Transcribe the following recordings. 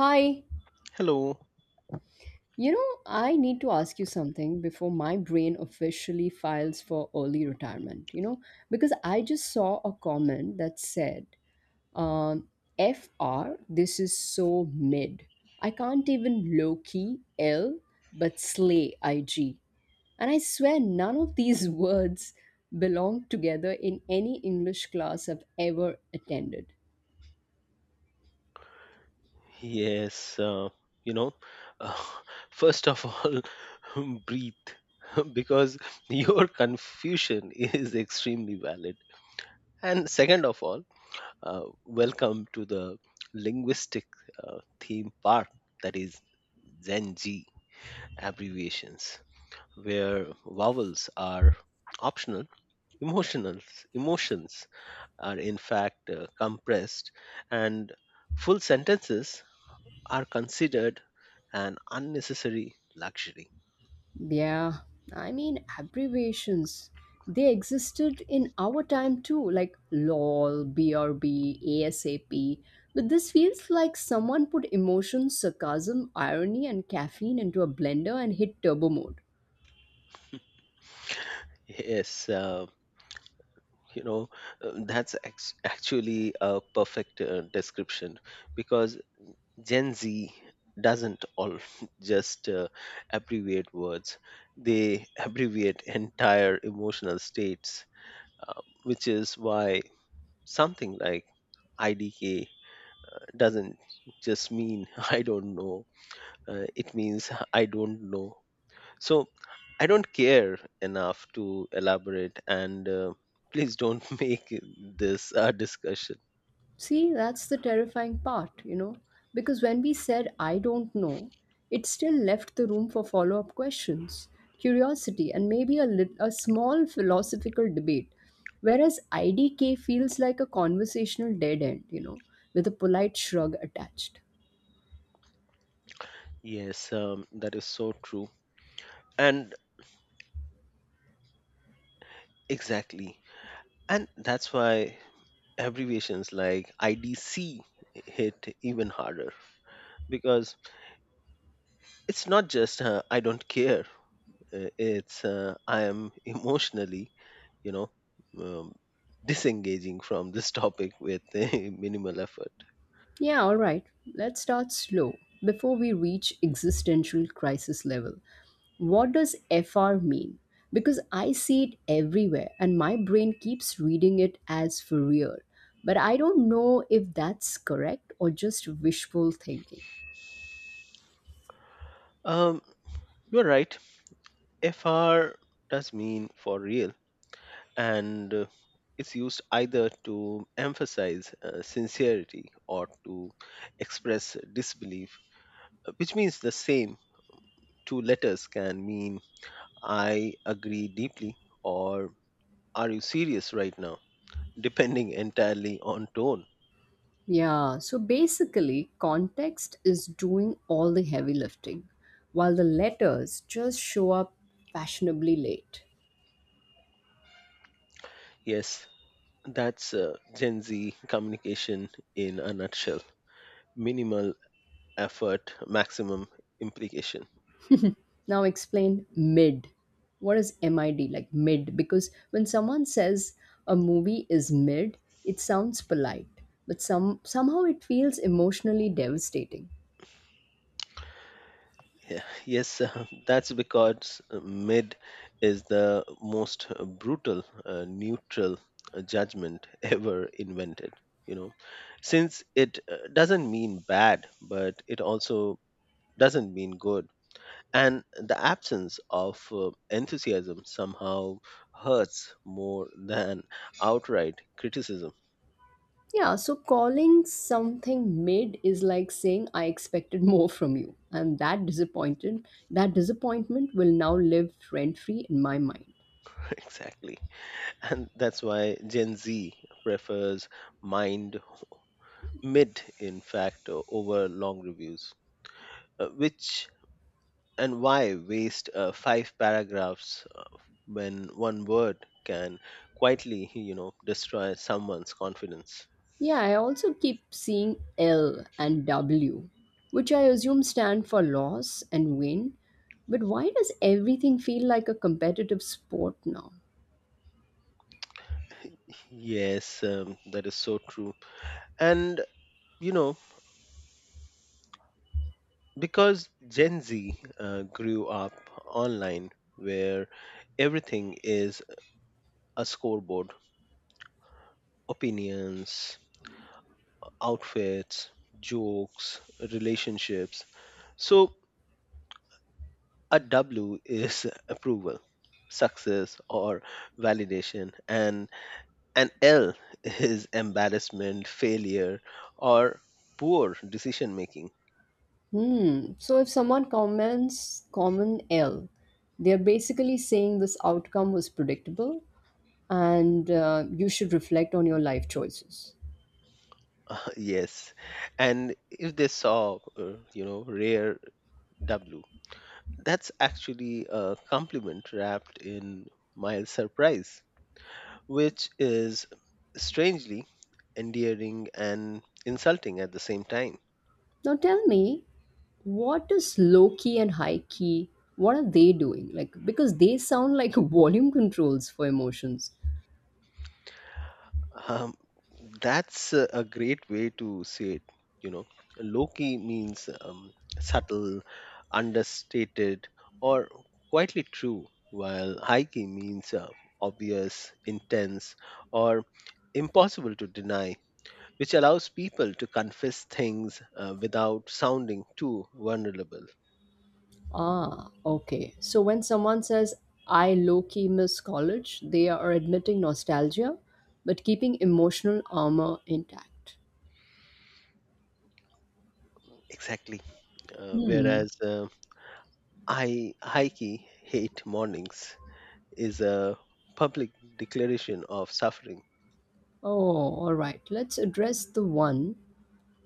Hi, Hello. I need to ask you something before my brain officially files for early retirement, because I just saw a comment that said, um, FR, this is so mid. I can't even low key L, but slay IG. And I swear none of these words belong together in any English class I've ever attended. Yes, you know, uh, first of all, breathe because your confusion is extremely valid. And second of all, welcome to the linguistic theme park that is Zenji abbreviations, where vowels are optional, emotionals, emotions are in fact compressed, and full sentences are considered an unnecessary luxury. Yeah, I mean, abbreviations. They existed in our time too, like LOL, BRB, ASAP. But this feels like someone put emotion, sarcasm, irony, and caffeine into a blender and hit turbo mode. Yes, you know, that's actually a perfect description, because Gen Z doesn't all just abbreviate words, they abbreviate entire emotional states, which is why something like IDK doesn't just mean "I don't know," it means "I don't know. So I don't care enough to elaborate, and please don't make this a discussion." See, that's the terrifying part, because when we said, I don't know, it still left the room for follow up questions, curiosity, and maybe a small philosophical debate. Whereas IDK feels like a conversational dead end, with a polite shrug attached. Yes, that is so true. And exactly. And that's why abbreviations like IDC hit even harder, because it's not just "I don't care," it's "I am emotionally, you know, um, disengaging from this topic with minimal effort." Yeah, all right, let's start slow before we reach existential crisis level. What does FR mean? Because I see it everywhere and my brain keeps reading it as for real. But I don't know if that's correct or just wishful thinking. Um, you're right, FR does mean "for real," and it's used either to emphasize sincerity or to express disbelief, which means the same. Two letters can mean "I agree deeply" or "Are you serious right now?" depending entirely on tone. Yeah, so basically, context is doing all the heavy lifting, while the letters just show up fashionably late. Yes, that's Gen Z communication in a nutshell: minimal effort, maximum implication. Now explain mid. What is MID like mid? Because when someone says a movie is mid, it sounds polite, but somehow it feels emotionally devastating. Yeah. Yes, that's because mid is the most brutal, neutral judgment ever invented. You know, since it doesn't mean bad, but it also doesn't mean good. And the absence of enthusiasm somehow hurts more than outright criticism. Yeah, so calling something mid is like saying I expected more from you, and that disappointment will now live rent free in my mind. Exactly. And that's why Gen Z prefers mind mid, in fact, over long reviews. Which and why waste five paragraphs when one word can quietly, destroy someone's confidence? Yeah, I also keep seeing L and W, which I assume stand for loss and win. But why does everything feel like a competitive sport now? Yes, that is so true. And, you know, because Gen Z grew up online, where everything is a scoreboard: opinions, outfits, jokes, relationships. So A W is approval, success, or validation, and an L is embarrassment, failure, or poor decision making. Hmm. So if someone comments common L, they're basically saying this outcome was predictable and you should reflect on your life choices. Yes, and if they saw, "rare W," that's actually a compliment wrapped in mild surprise, which is strangely endearing and insulting at the same time. Now tell me, what is low key and high key? What are they doing? Like, because they sound like volume controls for emotions. Um, that's a great way to say it. You know, low key means subtle, understated, or quietly true, while high key means obvious, intense, or impossible to deny, which allows people to confess things without sounding too vulnerable. Ah, okay. So when someone says, I low key miss college, they are admitting nostalgia, but keeping emotional armor intact. Exactly. Hmm. Whereas, "I high key hate mornings" is a public declaration of suffering. Oh, all right. Let's address the one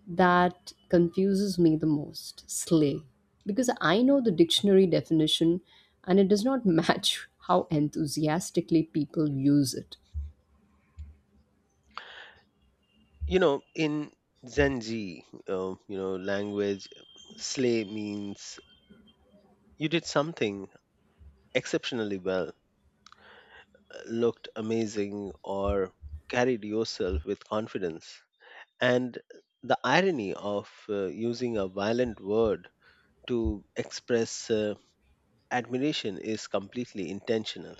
that confuses me the most, slay. Because I know the dictionary definition and it does not match how enthusiastically people use it. In Zanji, language, slay means you did something exceptionally well, looked amazing, or carried yourself with confidence, and the irony of using a violent word to express admiration is completely intentional.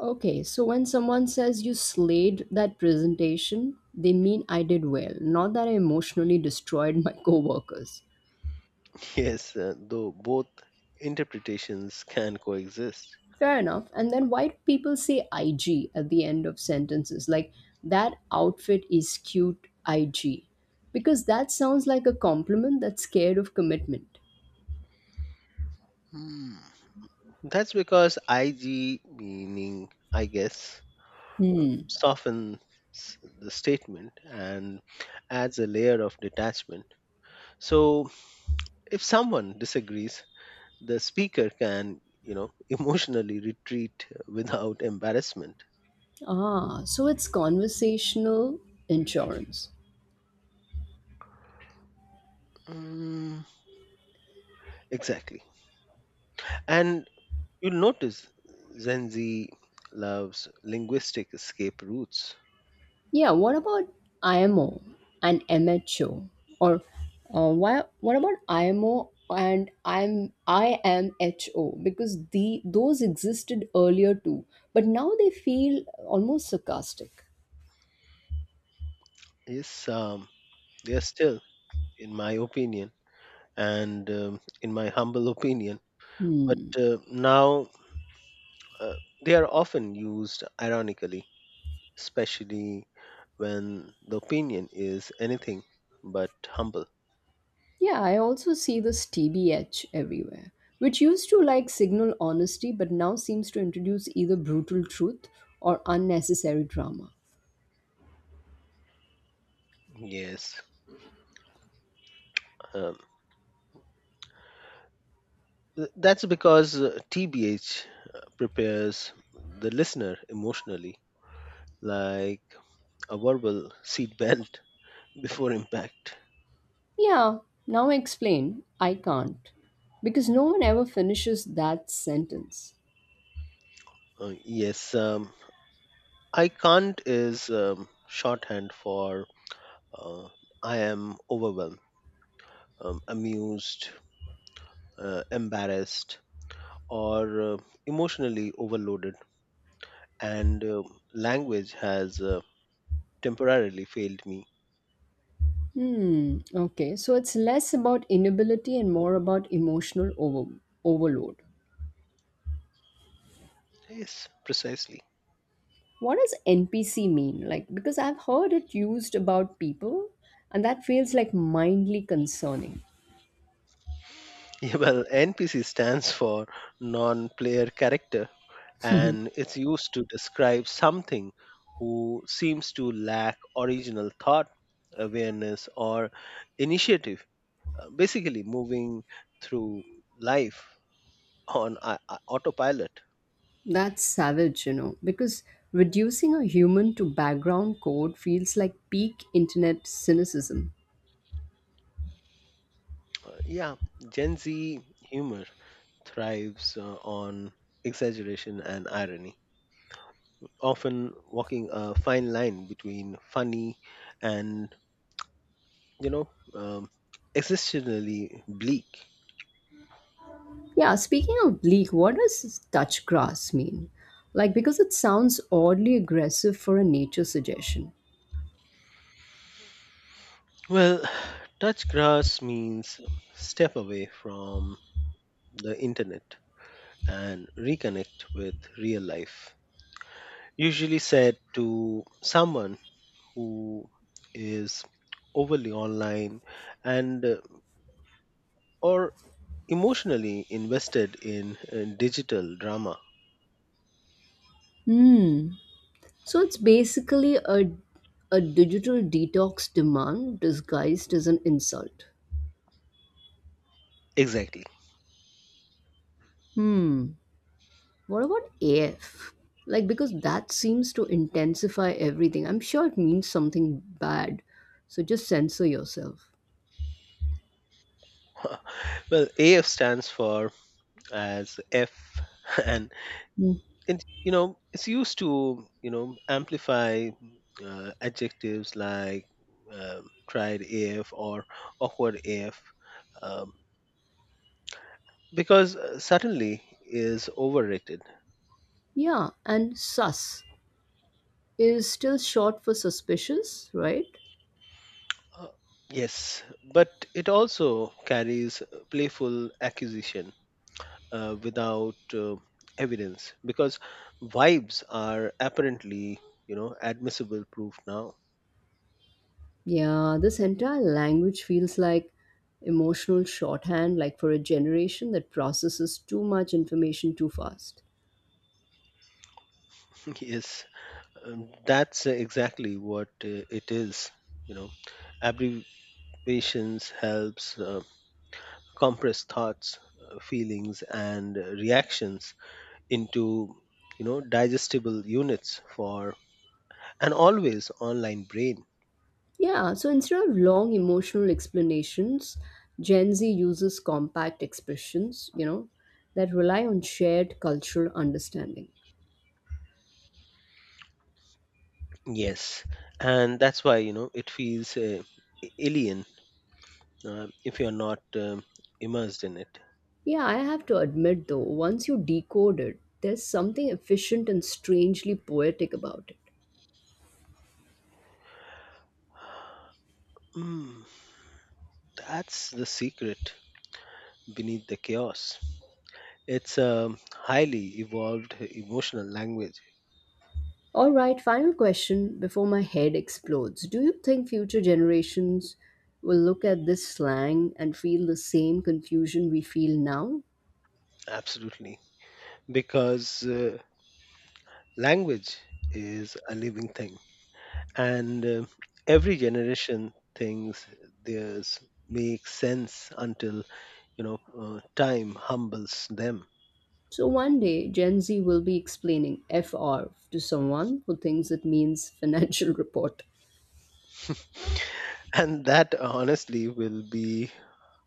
Okay, so when someone says you slayed that presentation, they mean I did well, not that I emotionally destroyed my coworkers. Yes, though both interpretations can coexist. Fair enough. And then why do people say IG at the end of sentences? Like, that outfit is cute IG. Because that sounds like a compliment that's scared of commitment. Hmm. That's because IG, meaning "I guess," softens the statement and adds a layer of detachment. So if someone disagrees, the speaker can, emotionally retreat without embarrassment. Ah, so it's conversational insurance. Mm, exactly. And you'll notice Gen Z loves linguistic escape routes. Yeah, what about IMO and MHO? Or what about IMO and IMHO? Because those existed earlier too, but now they feel almost sarcastic. Yes, they are still "in my opinion" and "in my humble opinion," but Hmm. Now uh, they are often used ironically, especially when the opinion is anything but humble. Yeah, I also see this TBH everywhere, which used to like signal honesty but now seems to introduce either brutal truth or unnecessary drama. Yes. Um, that's because TBH prepares the listener emotionally, like a verbal seatbelt before impact. Yeah, now explain I can't. Because no one ever finishes that sentence. Yes, "I can't" is shorthand for uh, "I am overwhelmed, amused, embarrassed, or emotionally overloaded, and language has temporarily failed me." Hmm, okay, so it's less about inability and more about emotional overload. Yes, precisely. What does NPC mean? Like, because I've heard it used about people, and that feels like mindly concerning. Yeah, well, NPC stands for "non player character," and it's used to describe something who seems to lack original thought, awareness, or initiative, basically moving through life on autopilot. That's savage, because reducing a human to background code feels like peak internet cynicism. Yeah, Gen Z humor thrives on exaggeration and irony, often walking a fine line between funny and, you know um, existentially bleak. Yeah, speaking of bleak, what does touch grass mean? Like, because it sounds oddly aggressive for a nature suggestion. Well, "touch grass" means step away from the internet and reconnect with real life, usually said to someone who is overly online and, or emotionally invested in digital drama. Hmm. So it's basically a digital detox demand disguised as an insult. Exactly. Hmm. What about AF? Like, because that seems to intensify everything. I'm sure it means something bad. So just censor yourself. Well, AF stands for "as F," and Hmm. it's used to, amplify adjectives like "tried AF" or "awkward AF," um, because certainly is overrated. Yeah, and sus is still short for suspicious, right? Uh, yes, but it also carries playful accusation without evidence, because vibes are apparently, admissible proof now. Yeah, this entire language feels like emotional shorthand, like for a generation that processes too much information too fast. Yes. That's exactly what it is. You know, abbreviations helps compress thoughts, feelings, and reactions into, digestible units for an always online brain. Yeah, so instead of long emotional explanations, Gen Z uses compact expressions, that rely on shared cultural understanding. Yes, and that's why, it feels alien if you're not, immersed in it. Yeah, I have to admit though, once you decode it, there's something efficient and strangely poetic about it. Mm, that's the secret beneath the chaos. It's a highly evolved emotional language. All right, final question before my head explodes. Do you think future generations will look at this slang and feel the same confusion we feel now? Absolutely, because language is a living thing, and every generation thinks theirs makes sense until, time humbles them. So one day, Gen Z will be explaining FR to someone who thinks it means financial report. And that honestly will be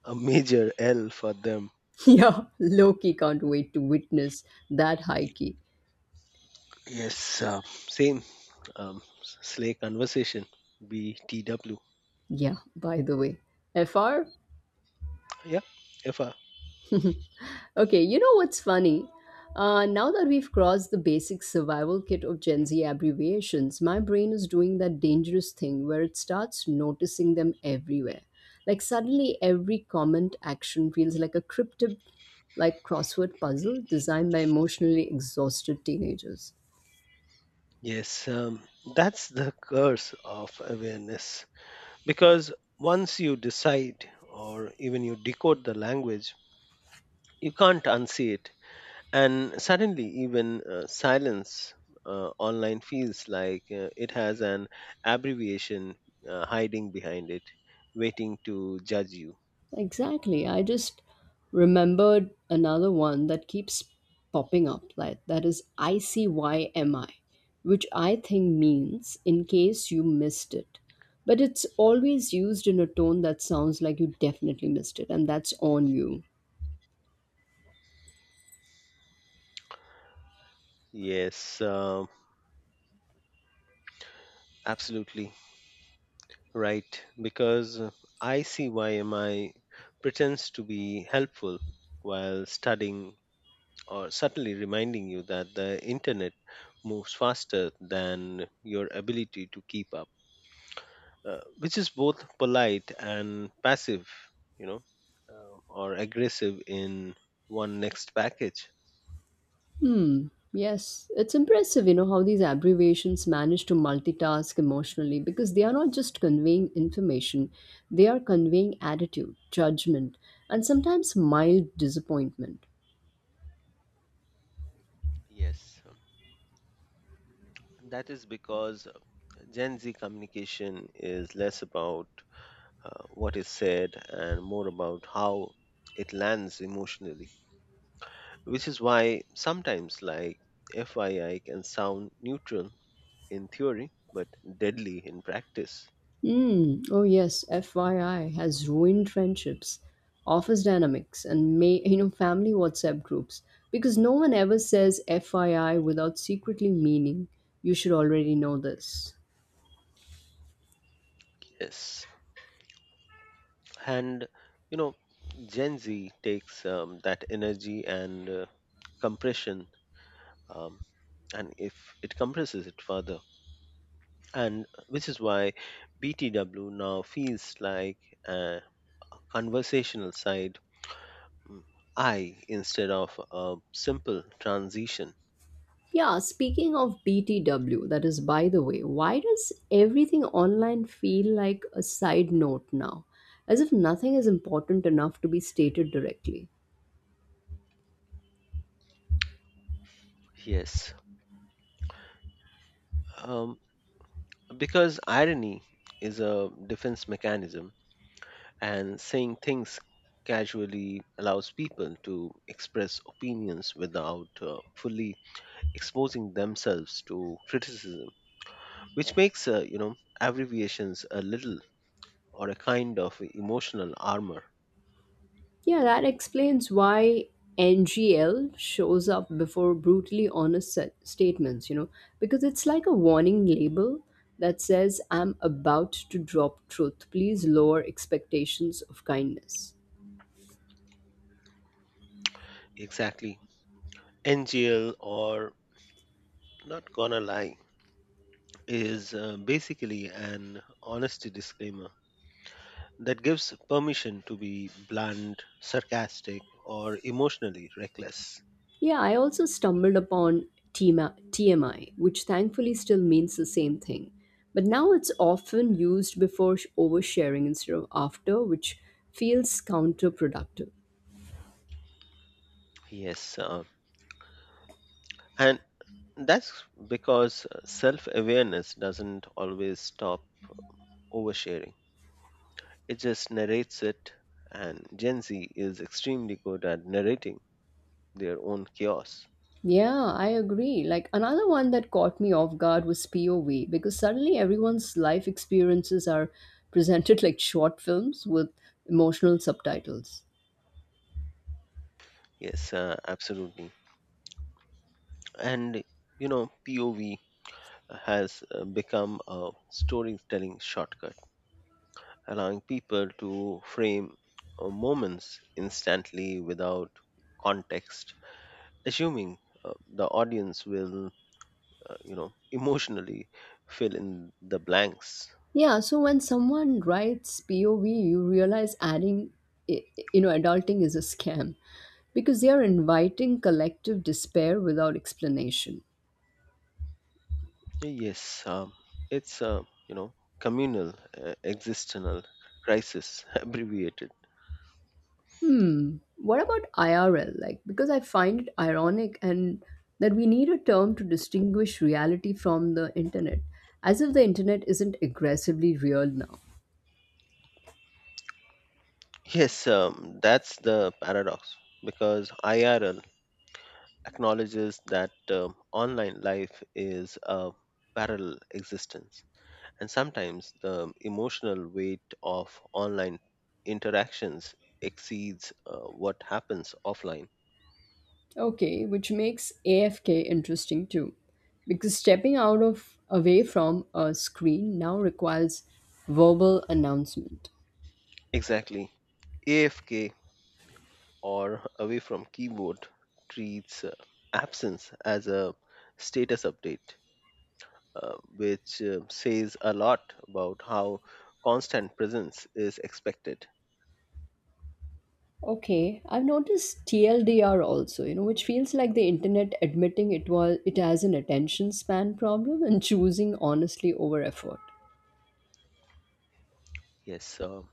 a major L for them. Yeah, Loki can't wait to witness that high key. Yes, same. Slay conversation, BTW. Yeah, by the way, FR? Yeah, if Okay, you know what's funny? Now that we've crossed the basic survival kit of Gen Z abbreviations, my brain is doing that dangerous thing where it starts noticing them everywhere. Like suddenly, every comment action feels like like crossword puzzle designed by emotionally exhausted teenagers. Yes, that's the curse of awareness. Because once you decide, or even you decode, the language, you can't unsee it. And suddenly, even, silence online feels like it has an abbreviation hiding behind it, waiting to judge you. Exactly. I just remembered another one that keeps popping up like that is ICYMI, which I think means in case you missed it. But it's always used in a tone that sounds like you definitely missed it and that's on you. Yes, absolutely right. Because "I see why am I" pretends to be helpful while studying, or subtly reminding you that the internet moves faster than your ability to keep up, which is both polite and passive, you know, or aggressive in one next package. Hmm. Yes, it's impressive, how these abbreviations manage to multitask emotionally, because they are not just conveying information, they are conveying attitude, judgment, and sometimes mild disappointment. Yes, that is because Gen Z communication is less about what is said and more about how it lands emotionally, which is why sometimes, like FYI can sound neutral in theory but deadly in practice. Mm, oh yes, FYI has ruined friendships, office dynamics, and may family WhatsApp groups because no one ever says FYI without secretly meaning you should already know this. Yes. And, you know, Gen Z takes that energy and compression, um, and if it compresses it further. And which is why BTW now feels like a conversational side, mm, I, instead of a simple transition. Yeah, speaking of BTW, that is by the way, why does everything online feel like a side note now? As if nothing is important enough to be stated directly. Yes. Um, because irony is a defense mechanism, and saying things casually allows people to express opinions without fully exposing themselves to criticism, which makes, abbreviations a little, or a kind of, emotional armor. Yeah, that explains why NGL shows up before brutally honest statements, because it's like a warning label that says, I'm about to drop truth. Please lower expectations of kindness. Exactly. NGL, or "not gonna lie," is basically an honesty disclaimer that gives permission to be blunt, sarcastic, or emotionally reckless. Yeah, I also stumbled upon TMI, which thankfully still means the same thing. But now it's often used before oversharing instead of after, which feels counterproductive. Yes, and that's because self awareness doesn't always stop oversharing, it just narrates it, and Gen Z is extremely good at narrating their own chaos. Yeah, I agree. Like, another one that caught me off guard was POV, because suddenly everyone's life experiences are presented like short films with emotional subtitles. Yes, absolutely. And, you know, POV has become a storytelling shortcut, allowing people to frame moments instantly without context, assuming the audience will, emotionally fill in the blanks. Yeah, so when someone writes POV, you realize adding, i- adulting is a scam because they are inviting collective despair without explanation. Yes, it's a, you know communal existential crisis, abbreviated. Hmm. What about IRL? Like, because I find it ironic and that we need a term to distinguish reality from the internet, as if the internet isn't aggressively real now. Yes, that's the paradox, because IRL acknowledges that, online life is a parallel existence, and sometimes the emotional weight of online interactions exceeds what happens offline. Okay, which makes AFK interesting too, because stepping out of away from a screen now requires verbal announcement. Exactly. AFK, or "away from keyboard," treats absence as a status update, which says a lot about how constant presence is expected. Okay, I've noticed TLDR also, which feels like the internet admitting it has an attention span problem and choosing honestly over effort. Yes,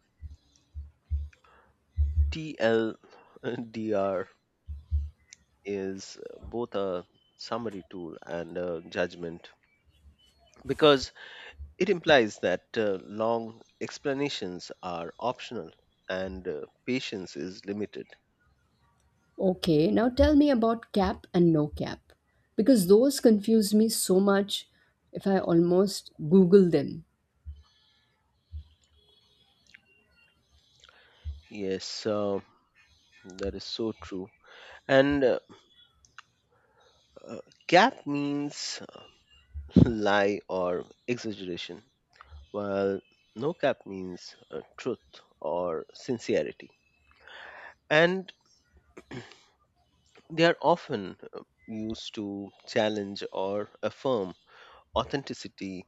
TLDR is both a summary tool and a judgment, because it implies that long explanations are optional and patience is limited. Okay, now tell me about cap and no cap because those confuse me so much if I almost google them. Yes, that is so true. And Uh, Cap means lie or exaggeration, while "no cap" means truth or sincerity. And they are often used to challenge or affirm authenticity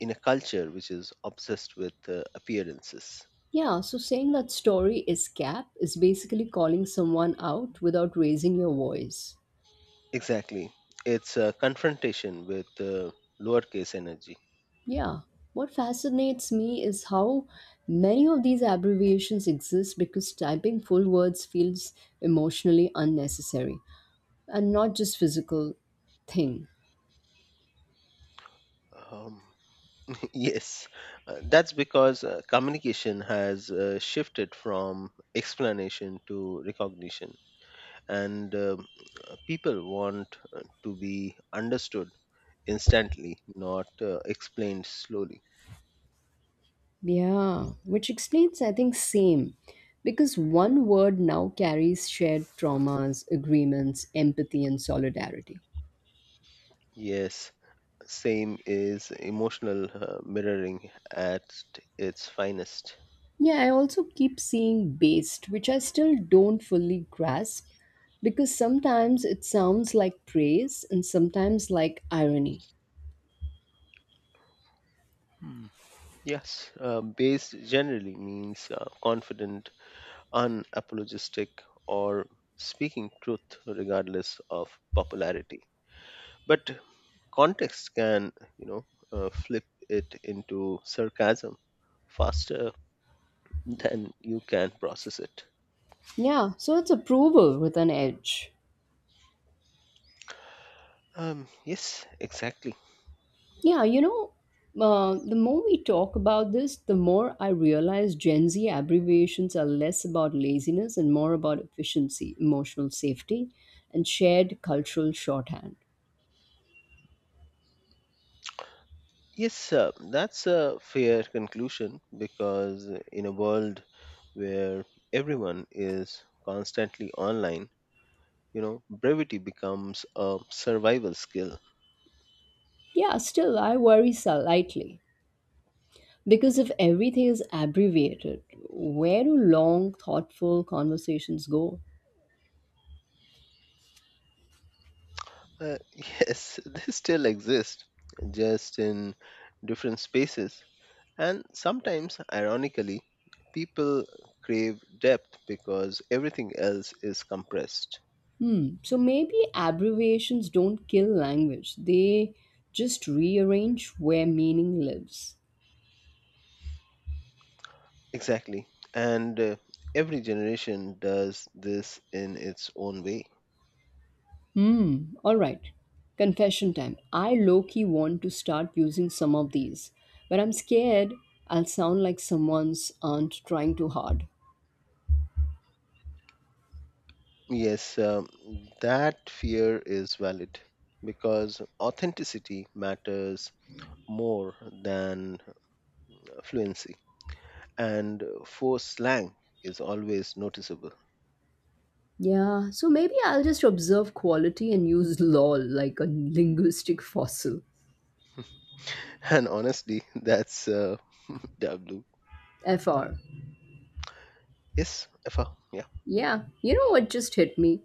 in a culture which is obsessed with appearances. Yeah, so saying that story is cap is basically calling someone out without raising your voice. Exactly. It's a confrontation with lowercase energy. Yeah, what fascinates me is how many of these abbreviations exist because typing full words feels emotionally unnecessary and not just physical thing. Um, Yes, that's because communication has shifted from explanation to recognition, and, people want to be understood instantly, not explained slowly. Yeah, which explains, I think, same. Because one word now carries shared traumas, agreements, empathy, and solidarity. Yes, "same" is emotional mirroring at its finest. Yeah, I also keep seeing based, which I still don't fully grasp because sometimes it sounds like praise and sometimes like irony. Hmm. Yes, "based" generally means confident, unapologetic, or speaking truth regardless of popularity. But context can, you know, flip it into sarcasm faster than you can process it. Yeah, so it's approval with an edge. Yes, exactly. Yeah, the more we talk about this, the more I realize Gen Z abbreviations are less about laziness and more about efficiency, emotional safety, and shared cultural shorthand. Yes, that's a fair conclusion, because in a world where everyone is constantly online, brevity becomes a survival skill. Yeah, still, I worry slightly, because if everything is abbreviated, where do long, thoughtful conversations go? Yes, they still exist, just in different spaces. And sometimes, ironically, people crave depth because everything else is compressed. Hmm. So maybe abbreviations don't kill language, they just rearrange where meaning lives. Exactly. And every generation does this in its own way. Hmm. All right. Confession time. I low key want to start using some of these, but I'm scared I'll sound like someone's aunt trying too hard. Yes, that fear is valid, because authenticity matters more than fluency, and forced slang is always noticeable. Yeah, so maybe I'll just observe quality and use lol like a linguistic fossil. And honestly, that's W. FR. Yes, Effa. Yeah. Yeah, you know what just hit me?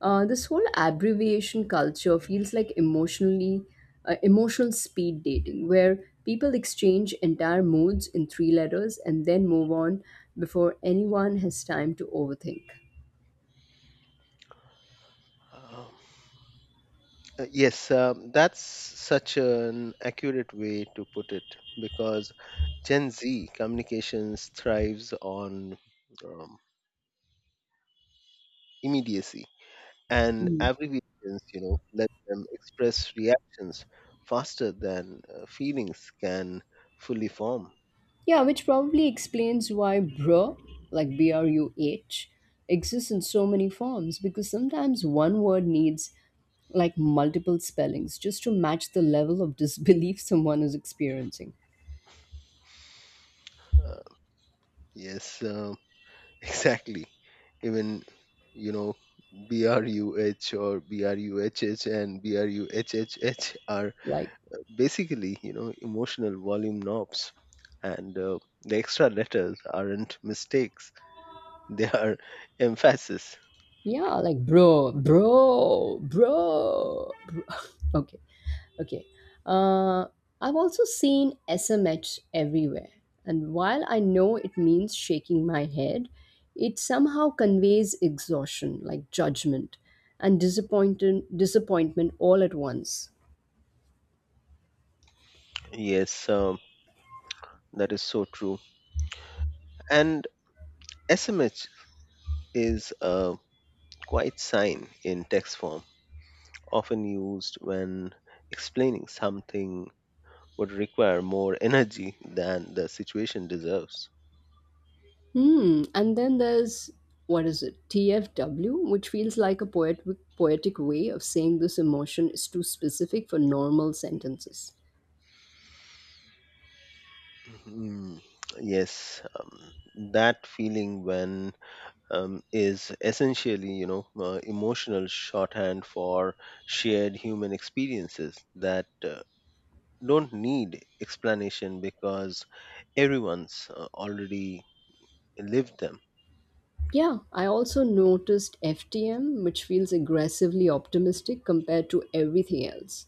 This whole abbreviation culture feels like emotional speed dating, where people exchange entire moods in three letters and then move on before anyone has time to overthink. Um, yes, that's such an accurate way to put it, because Gen Z communications thrives on, um, immediacy, and Mm. abbreviations, let them express reactions faster than feelings can fully form. Yeah, which probably explains why bruh, like BRUH, exists in so many forms, because sometimes one word needs like multiple spellings just to match the level of disbelief someone is experiencing. Uh, yes. Exactly. Even, you know, BRUH or BRUHH and BRUHHH are Like, basically, emotional volume knobs. And the extra letters aren't mistakes, they are emphasis. yeah, like bro, bro, bro, bro. Okay, okay. Uh, I've also seen SMH everywhere, and while I know it means shaking my head, it somehow conveys exhaustion, like judgment, and disappointment all at once. Yes, that is so true. And SMH is a quite sign in text form, often used when explaining something would require more energy than the situation deserves. Hmm. And then there's, what is it? TFW, which feels like a poetic way of saying this emotion is too specific for normal sentences. Mm, yes, "that feeling when" is essentially, emotional shorthand for shared human experiences that don't need explanation, because everyone's already lived them. Yeah, I also noticed FTM, which feels aggressively optimistic compared to everything else.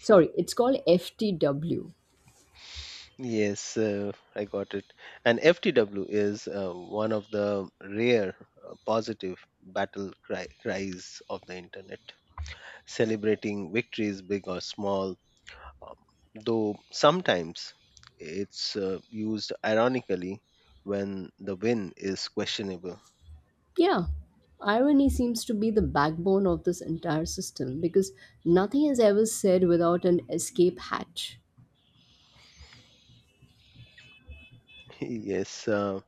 Sorry, it's called FTW. Yes, I got it. And FTW is one of the rare positive battle cries of the internet, celebrating victories, big or small. Um, though sometimes it's used ironically when the win is questionable. Yeah, irony seems to be the backbone of this entire system because nothing is ever said without an escape hatch. Yes, uh,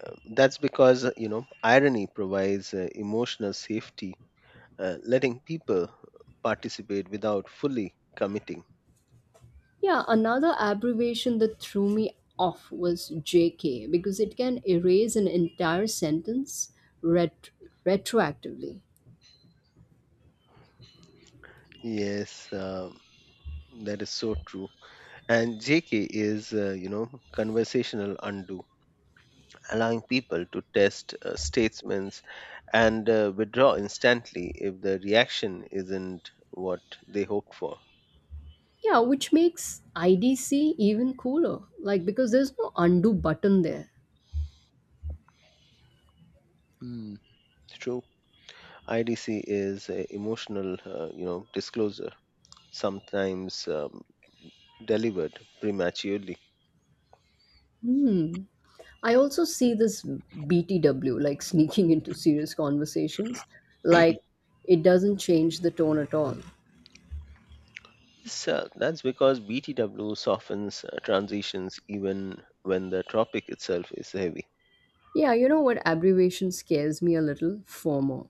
uh, that's because irony provides emotional safety, letting people participate without fully committing. Yeah, another abbreviation that threw me off was JK, because it can erase an entire sentence ret- retroactively. Yes, that is so true. And JK is, conversational undo, allowing people to test statements and withdraw instantly if the reaction isn't what they hoped for. Yeah, which makes IDC even cooler, like, because there's no undo button there. Hmm. True. IDC is emotional, disclosure, sometimes delivered prematurely. Hmm. I also see this BTW like sneaking into serious conversations, like it doesn't change the tone at all. So that's because BTW softens transitions even when the topic itself is heavy. Yeah, you know what abbreviation scares me a little? FOMO,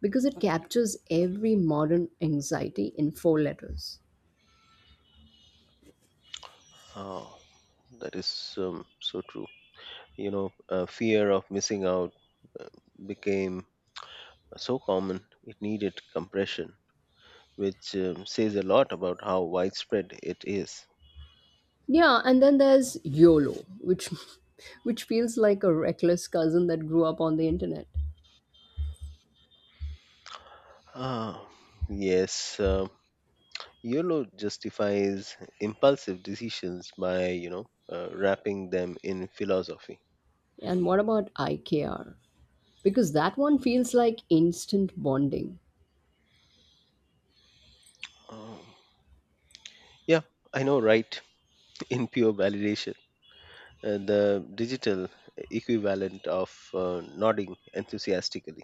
because it captures every modern anxiety in four letters. Oh, that is, so true. You know, "fear of missing out" uh, became so common it needed compression, which, says a lot about how widespread it is. Yeah, and then there's YOLO, which which feels like a reckless cousin that grew up on the internet. Ah, yes, YOLO justifies impulsive decisions by, wrapping them in philosophy. And what about IKR? Because that one feels like instant bonding. Um, yeah, I know, right? In pure validation, the digital equivalent of nodding enthusiastically.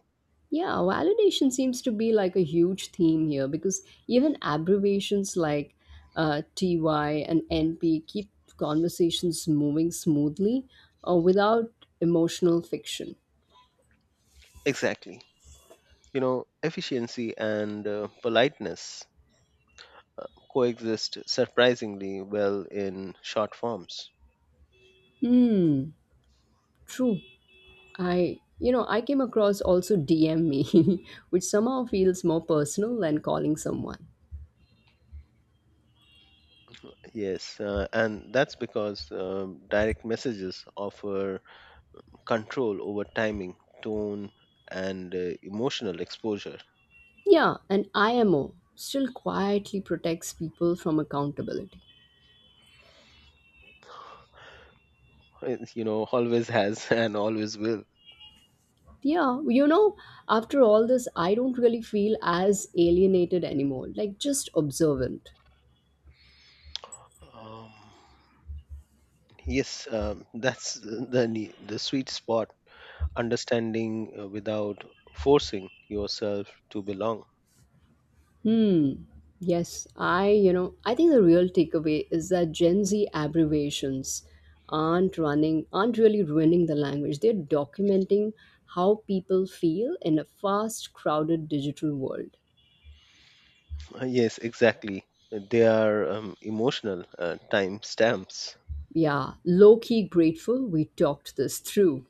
Yeah, validation seems to be like a huge theme here because even abbreviations like TY and NP keep conversations moving smoothly without emotional fiction. Exactly. You know, efficiency and politeness uh, coexist surprisingly well in short forms. Hmm, true. I came across also DM me, which somehow feels more personal than calling someone. Yes, and that's because, direct messages offer control over timing, tone, and emotional exposure. Yeah, and IMO still quietly protects people from accountability. It, always has, and always will. Yeah, after all this, I don't really feel as alienated anymore, like just observant. Um, yes, that's the the sweet spot. Understanding without forcing yourself to belong. Hmm. Yes, I think the real takeaway is that Gen Z abbreviations aren't really ruining the language. They're documenting how people feel in a fast, crowded digital world. Yes, exactly. They are, emotional time stamps. Yeah, low key grateful we talked this through.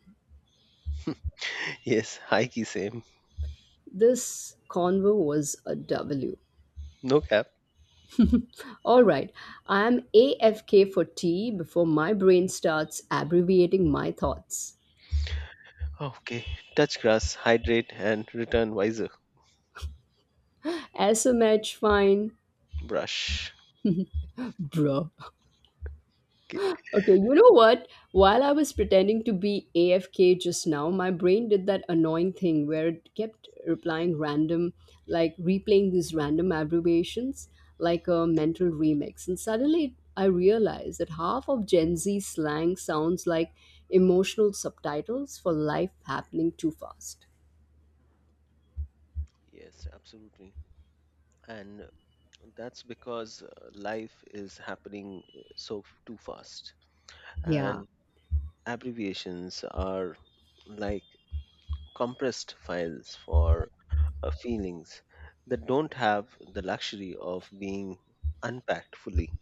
Yes, hikey same. This convo was a W. No cap. All right, I am AFK for tea before my brain starts abbreviating my thoughts. Okay. Touch grass, hydrate, and return wiser. SMH, fine, Brush. bruh. Okay. Okay, you know what? While I was pretending to be AFK just now, my brain did that annoying thing where it kept like replaying these random abbreviations like a mental remix. And suddenly I realized that half of Gen Z slang sounds like emotional subtitles for life happening too fast. Yes, absolutely. And that's because life is happening, too fast. Yeah. And abbreviations are like compressed files for feelings that don't have the luxury of being unpacked fully.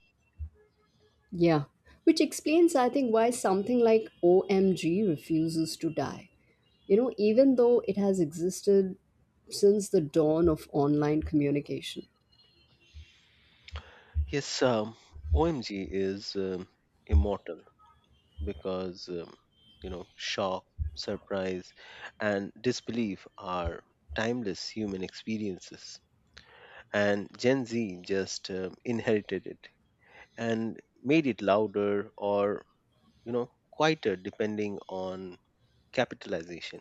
Yeah, which explains, I think, why something like OMG refuses to die, even though it has existed since the dawn of online communication. Yes, OMG is, immortal, because, shock, surprise, and disbelief are timeless human experiences, and Gen Z just inherited it and made it louder or, quieter, depending on capitalization.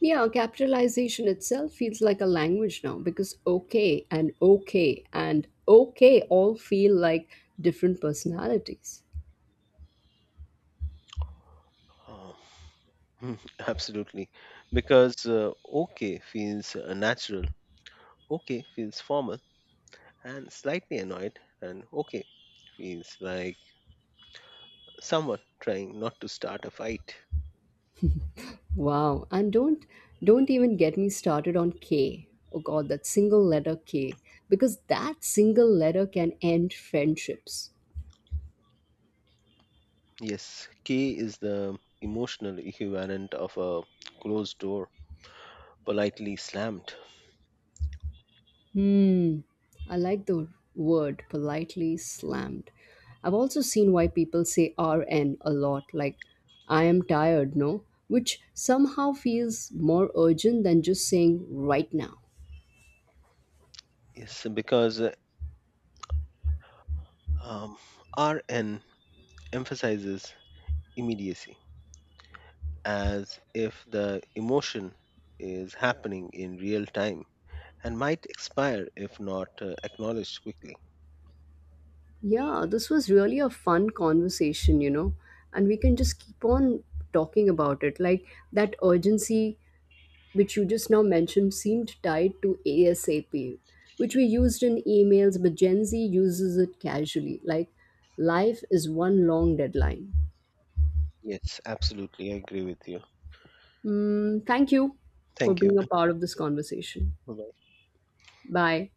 Yeah, capitalization itself feels like a language now because okay and okay and okay all feel like different personalities. Uh, Absolutely, because "okay" feels natural, "okay" feels formal and slightly annoyed, and "okay" is like someone trying not to start a fight. Wow, and don't even get me started on K. Oh god, that single letter K, because that single letter can end friendships. Yes, K is the emotional equivalent of a closed door, politely slammed. Hmm. I like the word politely slammed. I've also seen why people say RN a lot, like I am tired, no? Which somehow feels more urgent than just saying right now. Yes, because, um, RN emphasizes immediacy, as if the emotion is happening in real time and might expire if not acknowledged quickly. Yeah, this was really a fun conversation, and we can just keep on talking about it. Like that urgency which you just now mentioned seemed tied to ASAP, which we used in emails, but Gen Z uses it casually, like life is one long deadline. Yes, absolutely, I agree with you. Mm, thank you for Thank you. being a part of this conversation. Bye-bye. Bye.